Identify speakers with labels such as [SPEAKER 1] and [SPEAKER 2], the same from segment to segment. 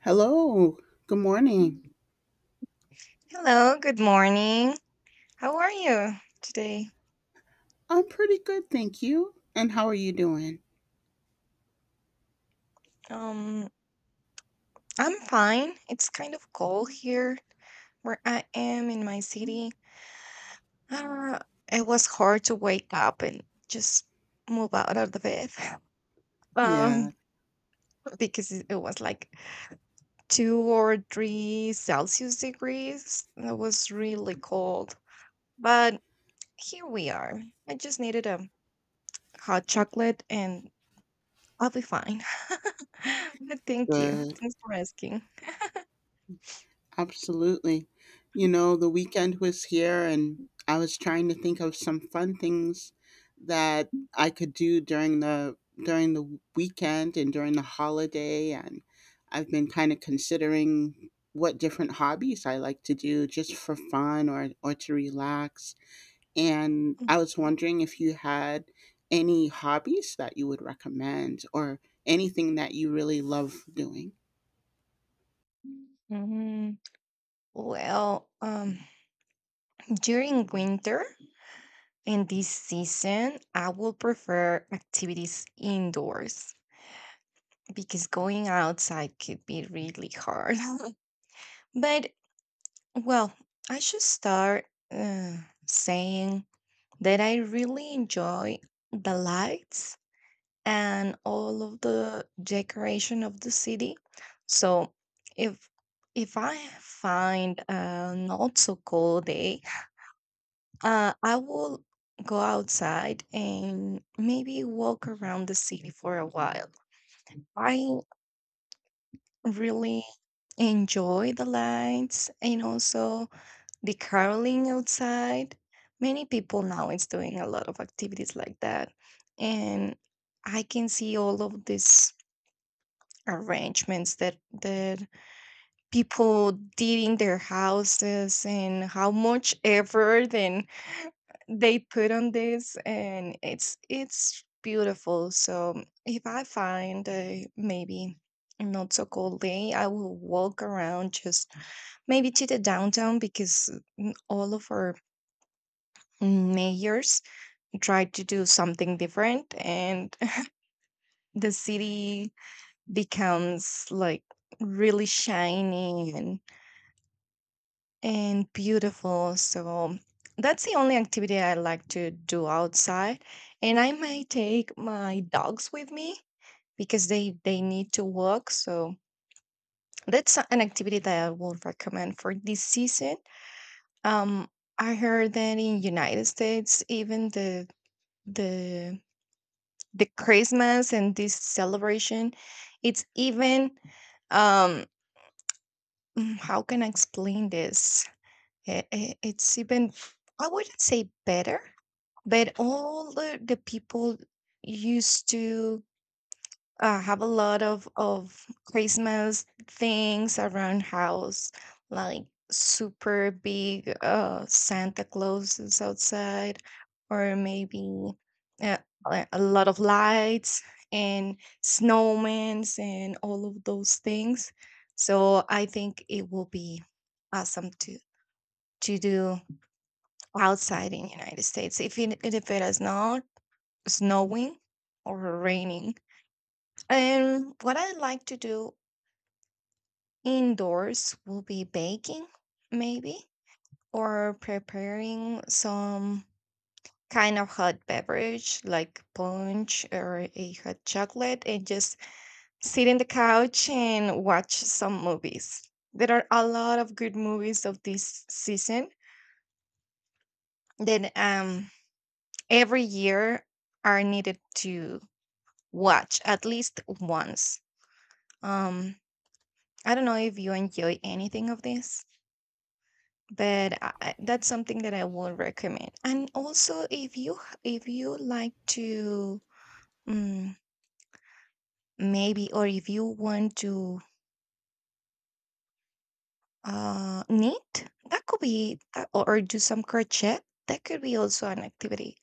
[SPEAKER 1] Hello. Good morning.
[SPEAKER 2] Hello, good morning. How are you today?
[SPEAKER 1] I'm pretty good, thank you. And how are you doing?
[SPEAKER 2] Um, I'm fine. It's kind of cold here where I am in my city. Uh, it was hard to wake up and just move out of the bed. Um,
[SPEAKER 1] Yeah,
[SPEAKER 2] because it was like two or three Celsius degrees. It was really cold. But here we are. I just needed a hot chocolate and I'll be fine. Thank you.
[SPEAKER 1] good.
[SPEAKER 2] Thanks for asking.
[SPEAKER 1] Absolutely. You know, the weekend was here and I was trying to think of some fun things that I could do during the weekend and during the holiday, and I've been kind of considering what different hobbies I like to do just for fun or to relax. And I was wondering if you had any hobbies that you would recommend or anything that you really love doing.
[SPEAKER 2] Mhm. Well, um, During winter in this season, I will prefer activities indoors because going outside could be really hard. But Well, I should start saying that I really enjoy the lights and all of the decoration of the city. So if if I find a not so cold day, I will go outside and maybe walk around the city for a while. I really enjoy the lights and also the caroling outside. Many people now is doing a lot of activities like that. And I can see all of these arrangements that people did in their houses and how much effort and they put on this and it's beautiful. So if I find a maybe a not so cold day, I will walk around just maybe to the downtown because all of our mayors try to do something different and the city becomes like really shiny and beautiful so that's the only activity I like to do outside and I might take my dogs with me because they need to walk so that's an activity that I would recommend for this season. um I heard that in United States even the the Christmas and this celebration, it's even um how can I explain this? It's even, I wouldn't say better, but all the people used to, I have a lot of Christmas things around house, like super big Santa Claus is outside, or maybe uh, a lot of lights and snowmen and all of those things. So I think it will be awesome to do outside in United States if it is not snowing or raining. And what I like to do indoors will be baking, maybe, or preparing some kind of hot beverage like punch or a hot chocolate and just sit in the couch and watch some movies. There are a lot of good movies of this season that every year are needed to watch at least once. Um I don't know if you enjoy anything of this, but I, that's something that I would recommend. And also, if you if you like to, mm, maybe, or if you want to knit, that could be, that, or do some crochet. That could be also an activity.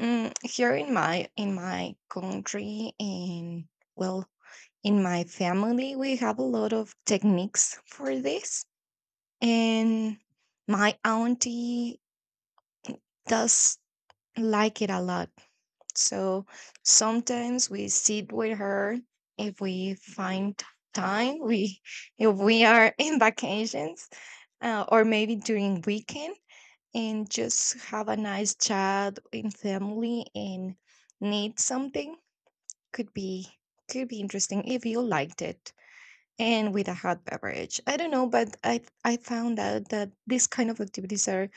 [SPEAKER 2] Here in my country, and well, in my family, we have a lot of techniques for this, and my auntie does like it a lot. So sometimes we sit with her if we find time. We, if we are in vacations or maybe during weekend and just have a nice chat in family and need something, could be, could be interesting if you liked it and with a hot beverage. I don't know, but I found out that these kind of activities are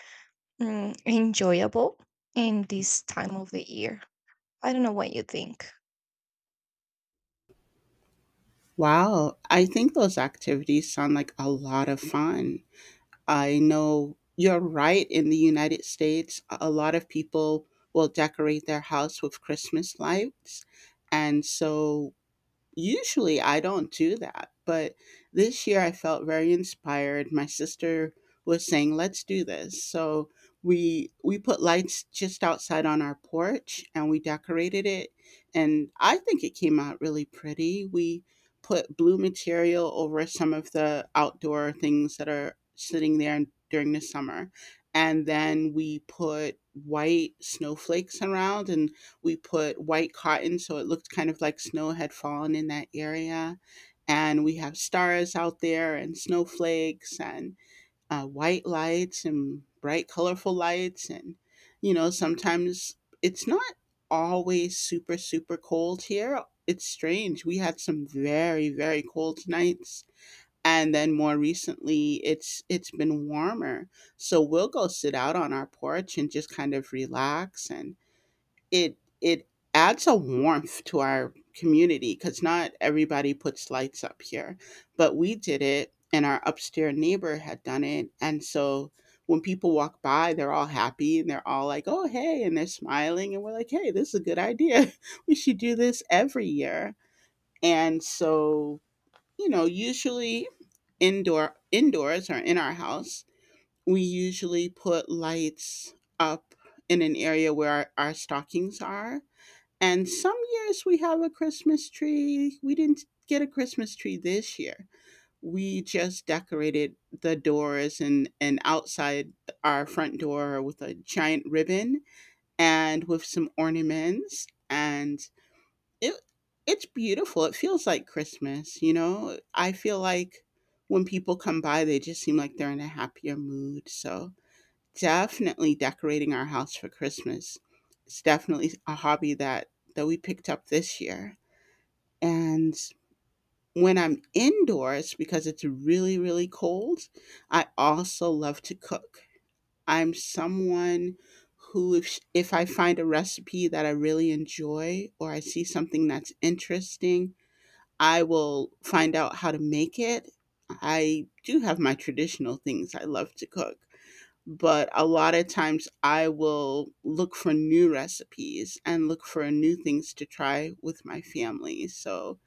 [SPEAKER 2] enjoyable in this time of the year. I don't know what you think.
[SPEAKER 1] Wow, I think those activities sound like a lot of fun. I know you're right. In the United States, a lot of people will decorate their house with Christmas lights. And so usually I don't do that, but this year I felt very inspired. My sister was saying, "Let's do this." So we put lights just outside on our porch and we decorated it, and I think it came out really pretty. We put blue material over some of the outdoor things that are sitting there during the summer. And then we put white snowflakes around, and we put white cotton so it looked kind of like snow had fallen in that area. And we have stars out there and snowflakes and white lights and bright, colorful lights. And, you know, sometimes it's not always super, super cold here. It's strange. We had some very, very cold nights. And then more recently, it's been warmer. So we'll go sit out on our porch and just kind of relax, and it adds a warmth to our community because not everybody puts lights up here, but we did it, and our upstairs neighbor had done it. And so when people walk by, they're all happy and they're all like, oh hey, and they're smiling, and we're like, hey, this is a good idea. We should do this every year. And so, you know, usually indoors or in our house, we usually put lights up in an area where our stockings are, and some years we have a Christmas tree. We didn't get a Christmas tree this year. We just decorated the doors, and outside our front door with a giant ribbon and with some ornaments. And it it's beautiful. It feels like Christmas, you know? I feel like when people come by, they just seem like they're in a happier mood. So definitely decorating our house for Christmas. It's definitely a hobby that we picked up this year. And when I'm indoors because it's really, really cold, I also love to cook. I'm someone who if I find a recipe that I really enjoy or I see something that's interesting, I will find out how to make it. I do have my traditional things I love to cook, but a lot of times I will look for new recipes and look for new things to try with my family. So,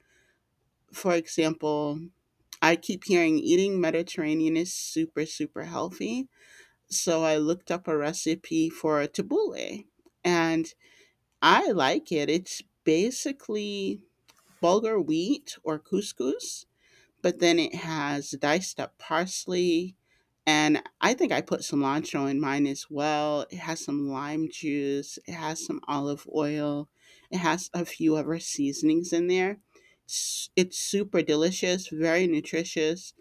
[SPEAKER 1] for example, I keep hearing eating Mediterranean is super, super healthy. So I looked up a recipe for a tabbouleh, and I like it. It's basically bulgur wheat or couscous, but then it has diced up parsley, and I think I put cilantro in mine as well. It has some lime juice, it has some olive oil, it has a few other seasonings in there. It's super delicious, very nutritious.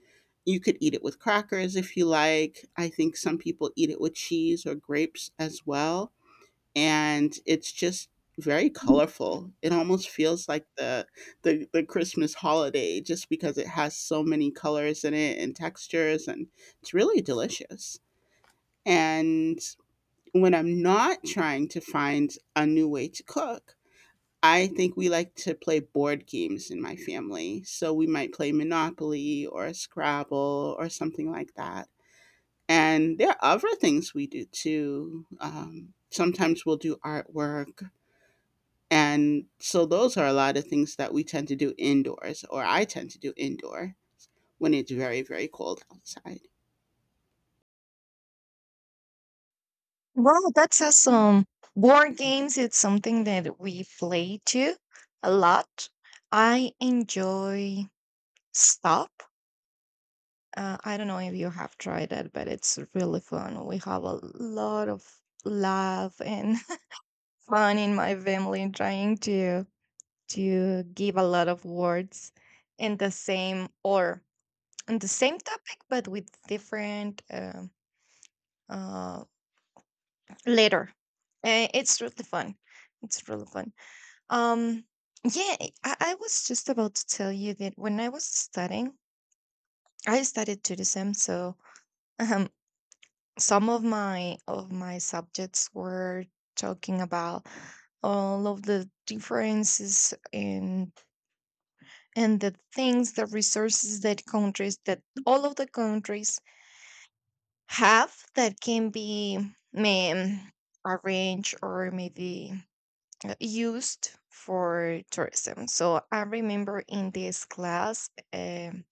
[SPEAKER 1] You could eat it with crackers if you like. I think some people eat it with cheese or grapes as well, and it's just very colorful. It almost feels like the the Christmas holiday just because it has so many colors in it and textures, and it's really delicious. And when I'm not trying to find a new way to cook, I think we like to play board games in my family. So we might play Monopoly or Scrabble or something like that. And there are other things we do too. Sometimes we'll do artwork, and so those are a lot of things that we tend to do indoors, or I tend to do indoor when it's very, very cold outside.
[SPEAKER 2] Well, that's awesome. Board games, it's something that we play too a lot. I enjoy Stop. I don't know if you have tried it, but it's really fun. We have a lot of laugh and fun in my family trying to give a lot of words in the same or on the same topic, but with different uh, letter. It's really fun. It's really fun. Um, yeah, I was just about to tell you that when I was studying, I studied Judaism. So um, some of my subjects were talking about all of the differences and the things, the resources that countries, that all of the countries have that can be um, arranged or maybe used for tourism. So I remember in this class,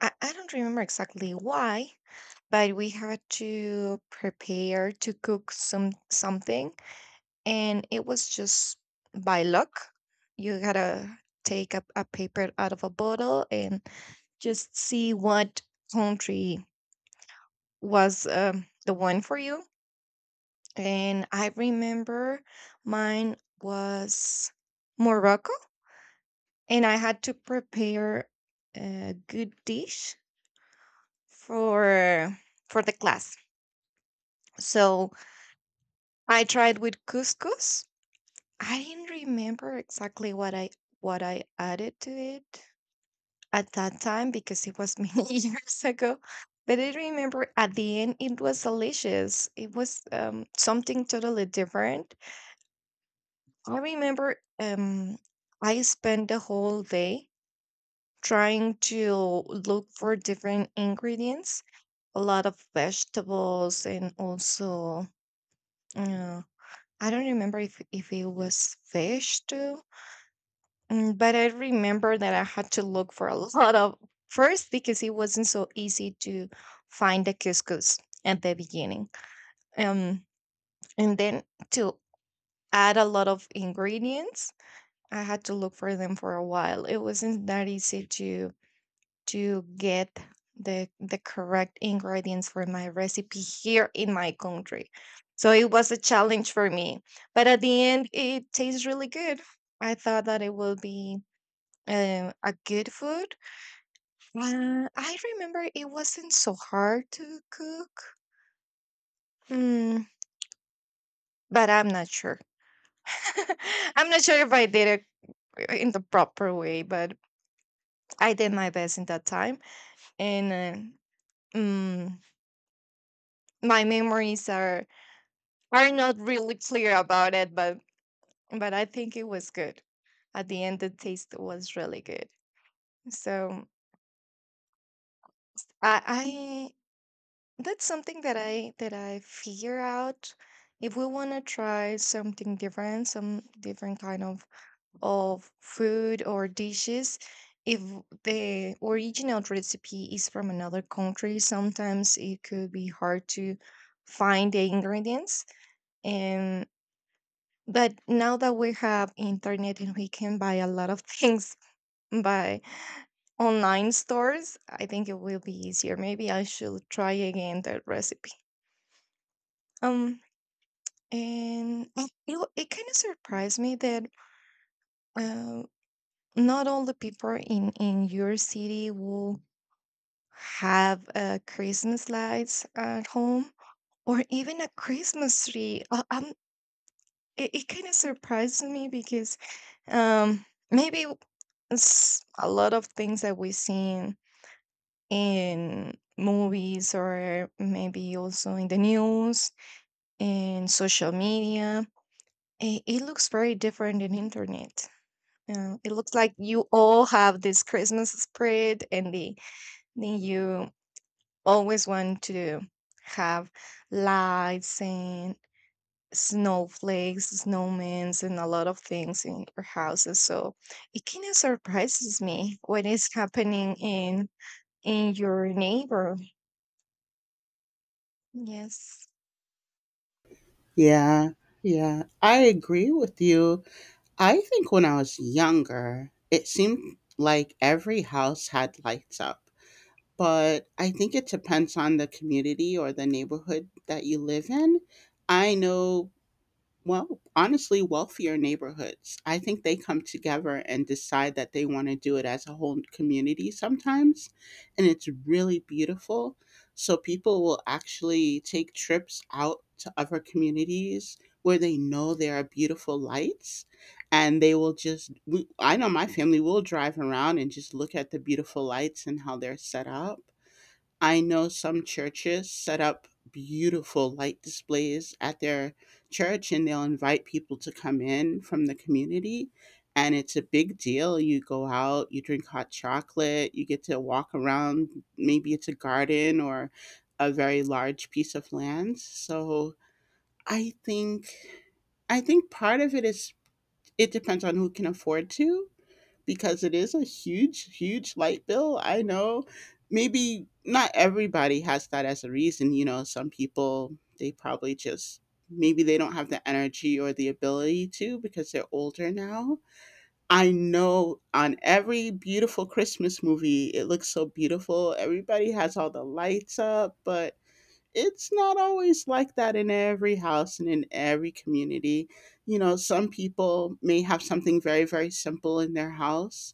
[SPEAKER 2] I don't remember exactly why, but we had to prepare to cook some something, and it was just by luck. You gotta take a paper out of a bottle and just see what country was the one for you. And I remember mine was Morocco and I had to prepare a good dish for for the class. So I tried with couscous. I didn't remember exactly what I added to it at that time because it was many years ago. But I remember at the end it was delicious. It was something totally different. I remember I spent the whole day trying to look for different ingredients, a lot of vegetables and also uh, I don't remember if it was fish too. But I remember that I had to look for a lot of first because it wasn't so easy to find the couscous at the beginning. Um, and then to add a lot of ingredients, I had to look for them for a while. It wasn't that easy to get the correct ingredients for my recipe here in my country. So it was a challenge for me, but at the end, it tastes really good. I thought that it will be a good food. I remember it wasn't so hard to cook, mm, but I'm not sure. I'm not sure if I did it in the proper way, but I did my best in that time, and mm, my memories are not really clear about it, but I think it was good. At the end, the taste was really good. So I that's something that I figure out if we want to try something different, some different kind of food or dishes. If the original recipe is from another country, sometimes it could be hard to find the ingredients. But now that we have internet and we can buy a lot of things by online stores, I think it will be easier. Maybe I should try again that recipe. Um, and it kind of surprised me that uh, not all the people in your city will have Christmas lights at home or even a Christmas tree. It kind of surprised me because um maybe it's a lot of things that we've seen in movies or maybe also in the news and social media. It looks very different in internet. It looks like you all have this Christmas spread and then you always want to have lights and snowflakes, snowmen and a lot of things in your houses, so it kind of surprises me what is happening in your neighbor. Yes.
[SPEAKER 1] Yeah, yeah, I agree with you. I think when I was younger, it seemed like every house had lights up, but I think it depends on the community or the neighborhood that you live in. I know, well, honestly, wealthier neighborhoods. I think they come together and decide that they want to do it as a whole community sometimes. And it's really beautiful. So people will actually take trips out to other communities where they know there are beautiful lights. And they will just, we, I know my family will drive around and just look at the beautiful lights and how they're set up. I know some churches set up beautiful light displays at their church, and they'll invite people to come in from the community. And it's a big deal. You go out, you drink hot chocolate, you get to walk around. Maybe it's a garden or a very large piece of land. So I think I think part of it is it depends on who can afford to, because it is a huge, huge light bill. I know maybe not everybody has that as a reason. You know, some people, they probably just, maybe they don't have the energy or the ability to because they're older now. I know on every beautiful Christmas movie, it looks so beautiful. Everybody has all the lights up, but it's not always like that in every house and in every community. You know, some people may have something very, very simple in their house.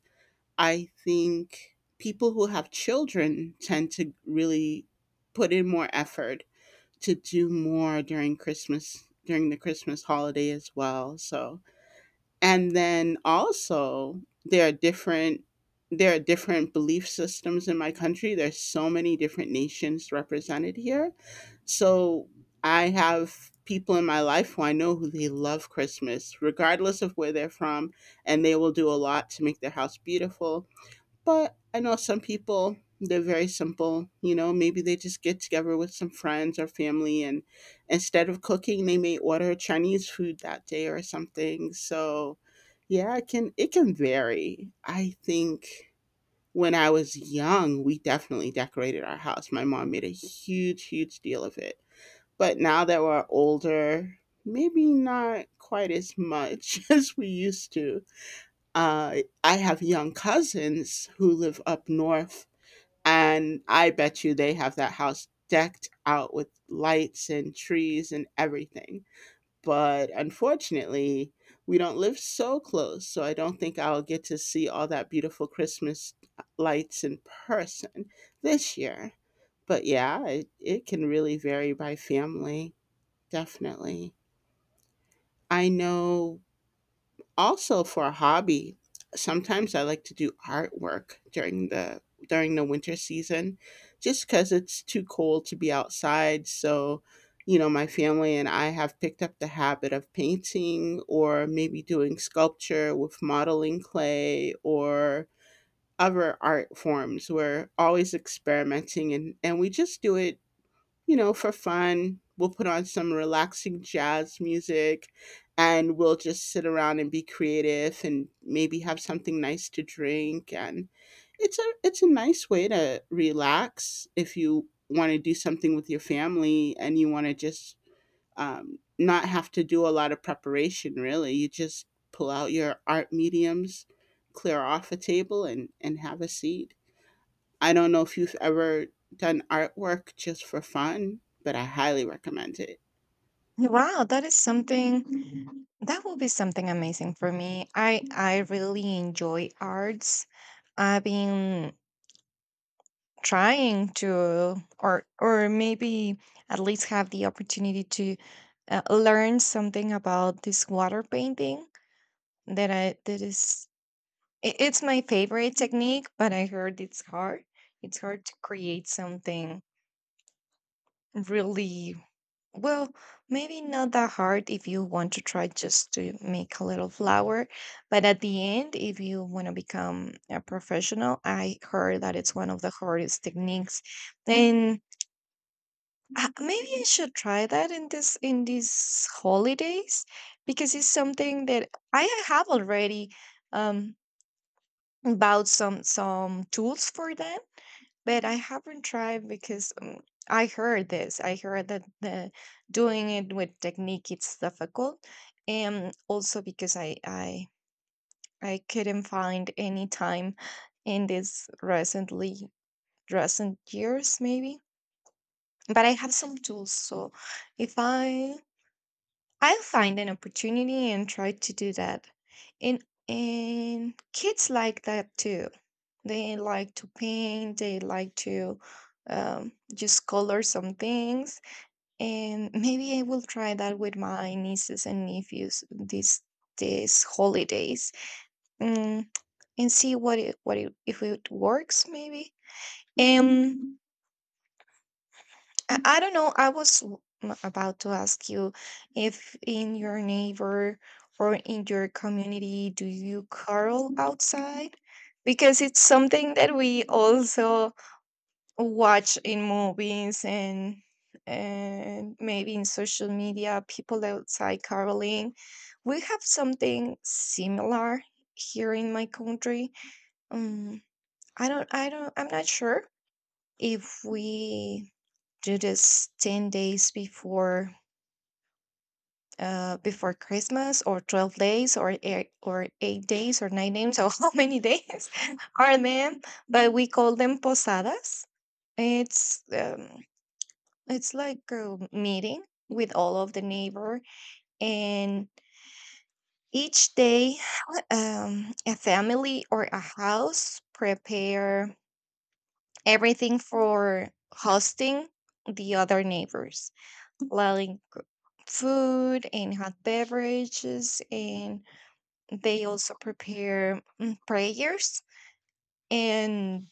[SPEAKER 1] I think people who have children tend to really put in more effort to do more during Christmas, during the Christmas holiday as well. So, and then also there are different, there are different belief systems in my country. There's so many different nations represented here. So I have people in my life who I know, who they love Christmas, regardless of where they're from, and they will do a lot to make their house beautiful. But I know some people, they're very simple. You know, maybe they just get together with some friends or family, and instead of cooking, they may order Chinese food that day or something. So, yeah, it can vary. I think when I was young, we definitely decorated our house. My mom made a huge, huge deal of it. But now that we're older, maybe not quite as much as we used to. uh, I have young cousins who live up north, and I bet you they have that house decked out with lights and trees and everything. But unfortunately, we don't live so close, so I don't think I'll get to see all that beautiful Christmas lights in person this year. But yeah, it can really vary by family, definitely. I know, also for a hobby, sometimes I like to do artwork during the winter season just because it's too cold to be outside. So, you know, my family and I have picked up the habit of painting or maybe doing sculpture with modeling clay or other art forms. We're always experimenting, and we just do it, you know, for fun. We'll put on some relaxing jazz music, and we'll just sit around and be creative and maybe have something nice to drink. And it's a nice way to relax if you want to do something with your family and you want to just, not have to do a lot of preparation. Really, you just pull out your art mediums, clear off a table, and have a seat. I don't know if you've ever done artwork just for fun, but I highly recommend it.
[SPEAKER 2] Wow, that is something that will be something amazing for me. I really enjoy arts. I've been trying to, or maybe at least have the opportunity to learn something about this water painting that is, it's my favorite technique, but I heard it's hard. It's hard to create something really. Well, maybe not that hard if you want to try just to make a little flour, but at the end, if you want to become a professional, I heard that it's one of the hardest techniques. And maybe I should try that in this in these holidays because it's something that I have already um bought some tools for that but I haven't tried because I heard this. I heard that the doing it with technique it's difficult, and also because I couldn't find any time in this recently recent years maybe. But I have some tools, so if I I'll find an opportunity and try to do that. And and kids like that too. They like to paint, they like to just color some things. And maybe I will try that with my nieces and nephews this these holidays, mm, and see what it, if it works maybe. Um, I don't know. I was about to ask you if in your neighbor or in your community do you curl outside? Because it's something that we also watch in movies and maybe in social media, people outside caroling. We have something similar here in my country. um I'm not sure if we do this 10 days before before Christmas or 12 days or eight, or 8 days or 9 days or how many days are them, but we call them posadas. it's um, It's like a meeting with all of the neighbor, and each day, a family or a house prepare everything for hosting the other neighbors, like food and hot beverages, and they also prepare prayers and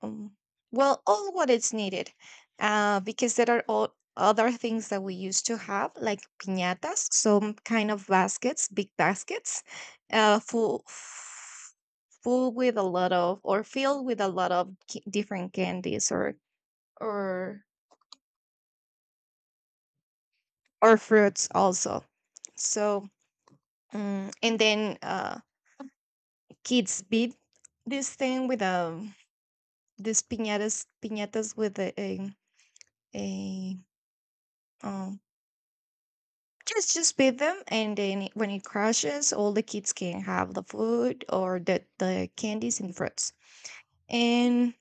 [SPEAKER 2] um, well all what is needed because there are all other things that we used to have like piñatas, some kind of baskets, big baskets full, full with a lot of, or filled with a lot of different candies or or fruits also. So and then kids beat this thing with this piñatas with a um, just beat them, and then when it crashes, all the kids can have the food or the candies and fruits. And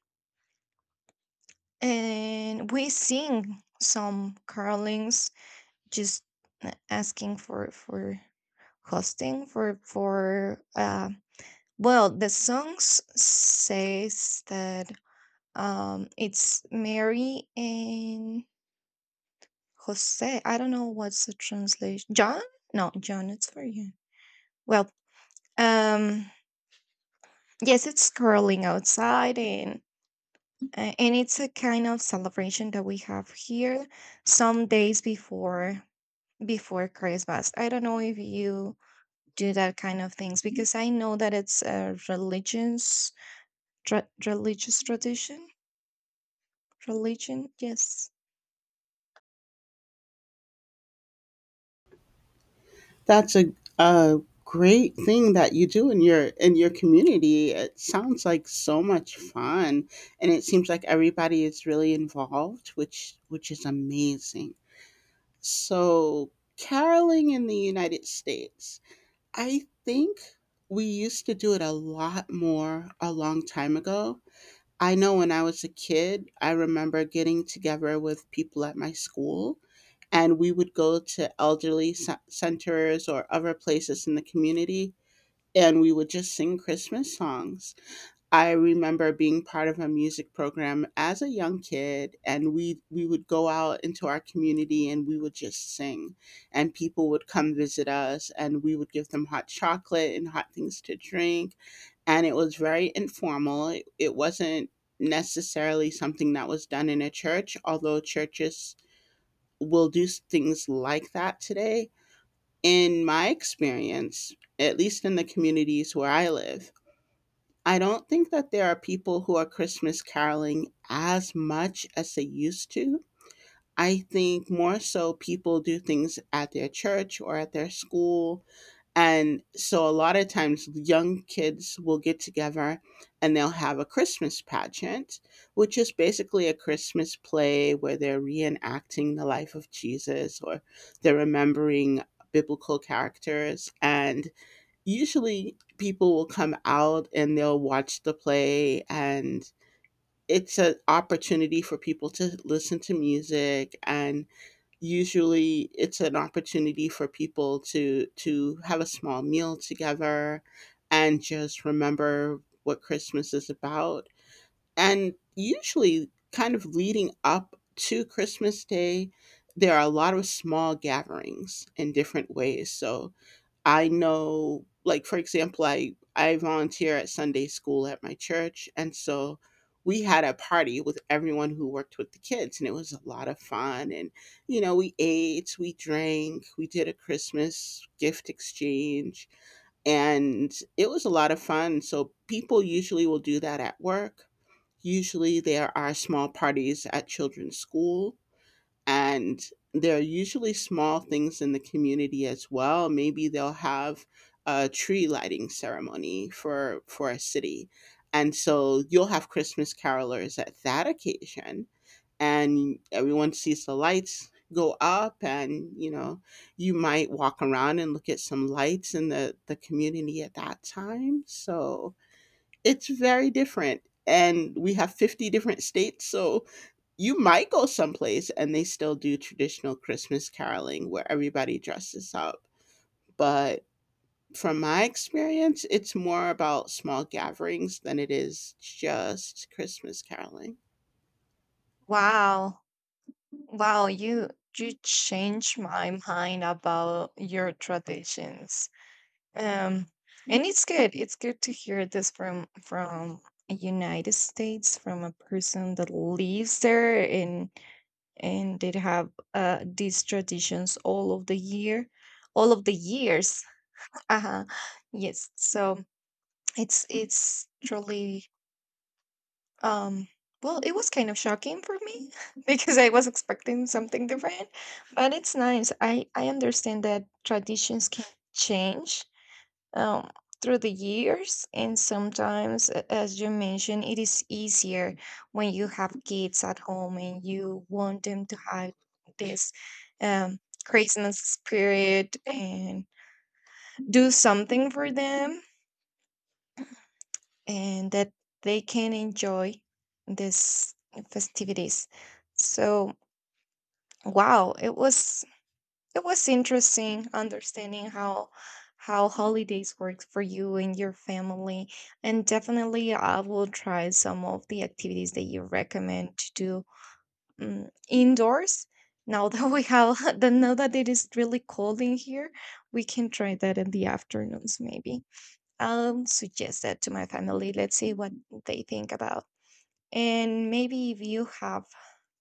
[SPEAKER 2] and we sing some carolings, just asking for hosting for well, the songs says that it's Mary and Jose. I don't know what's the translation. John? No, John. It's for you. Well, um yes, it's curling outside, and it's a kind of celebration that we have here some days before, before Christmas. I don't know if you do that kind of things because I know that it's a religious religious tradition. Religion, yes.
[SPEAKER 1] That's a great thing that you do in your community. It sounds like so much fun, and it seems like everybody is really involved, which is amazing. So, caroling in the United States, I think we used to do it a lot more a long time ago. I know when I was a kid, I remember getting together with people at my school, and we would go to elderly centers or other places in the community, and we would just sing Christmas songs. I remember being part of a music program as a young kid, and we would go out into our community and we would just sing, and people would come visit us, and we would give them hot chocolate and hot things to drink, and it was very informal. It wasn't necessarily something that was done in a church, although churches will do things like that today. In my experience, at least in the communities where I live, I don't think that there are people who are Christmas caroling as much as they used to. I think more so people do things at their church or at their school. And so a lot of times young kids will get together and they'll have a Christmas pageant, which is basically a Christmas play where they're reenacting the life of Jesus or they're remembering biblical characters. And usually people will come out and they'll watch the play, and it's an opportunity for people to listen to music, and usually it's an opportunity for people to have a small meal together and just remember what Christmas is about. And usually kind of leading up to Christmas Day, there are a lot of small gatherings in different ways. So I know, like for example, I volunteer at Sunday school at my church, and so we had a party with everyone who worked with the kids, and it was a lot of fun. And you know, we ate, we drank, we did a Christmas gift exchange, and it was a lot of fun. So people usually will do that at work. Usually, there are small parties at children's school, and there are usually small things in the community as well. Maybe they'll have a tree lighting ceremony for a city, and so you'll have Christmas carolers at that occasion, and everyone sees the lights go up. And you know, you might walk around and look at some lights in the community at that time. So it's very different, and we have 50 different states, so you might go someplace and they still do traditional Christmas caroling where everybody dresses up, but from my experience, it's more about small gatherings than it is just Christmas caroling.
[SPEAKER 2] Wow, wow, you change my mind about your traditions. Um, and it's good. It's good to hear this from a United States, from a person that lives there and they have these traditions all of the year, all of the years. Uh-huh. Yes. So it's truly um well, it was kind of shocking for me because I was expecting something different, but it's nice. I understand that traditions can change um, through the years. And sometimes, as you mentioned, it is easier when you have kids at home and you want them to have this um, Christmas spirit and do something for them and that they can enjoy this festivities. So, wow, it was interesting understanding how holidays work for you and your family, and definitely I will try some of the activities that you recommend to do, indoors. Now that we have, that now that it is really cold in here, we can try that in the afternoons maybe. I'll suggest that to my family. Let's see what they think about. And maybe if you have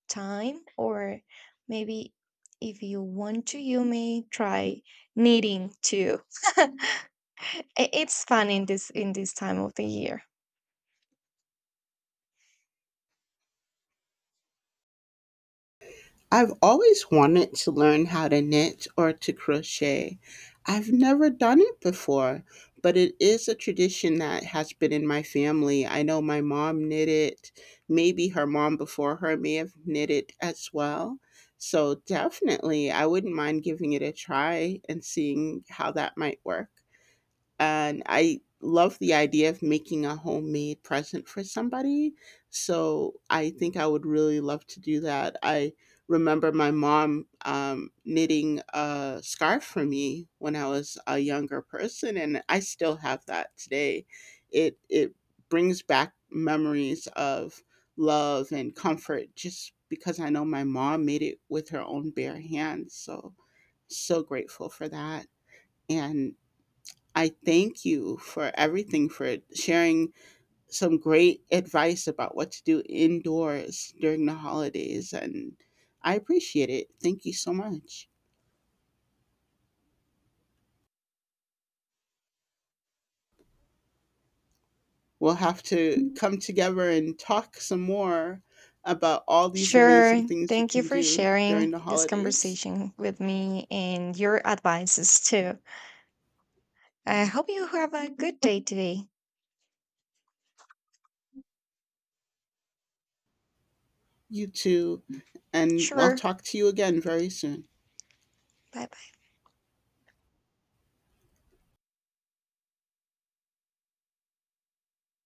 [SPEAKER 2] time or maybe if you want to you may try knitting too. It's fun in this time of the year.
[SPEAKER 1] I've always wanted to learn how to knit or to crochet. I've never done it before, but it is a tradition that has been in my family. I know my mom knitted, maybe her mom before her may have knitted as well. So definitely, I wouldn't mind giving it a try and seeing how that might work, and I love the idea of making a homemade present for somebody. So I think I would really love to do that. I remember my mom knitting a scarf for me when I was a younger person, and I still have that today. It brings back memories of love and comfort just because I know my mom made it with her own bare hands. So so grateful for that. And I thank you for everything, for sharing some great advice about what to do indoors during the holidays. And I appreciate it. Thank you so much. We'll have to come together and talk some more about all these
[SPEAKER 2] Sure,
[SPEAKER 1] amazing things you
[SPEAKER 2] thank you
[SPEAKER 1] can
[SPEAKER 2] for
[SPEAKER 1] do
[SPEAKER 2] sharing
[SPEAKER 1] during the
[SPEAKER 2] this
[SPEAKER 1] holidays.
[SPEAKER 2] conversation with me and your advices too. I hope you have a good day today.
[SPEAKER 1] You too. And I'll
[SPEAKER 2] Sure,
[SPEAKER 1] talk to you again very soon.
[SPEAKER 2] bye bye.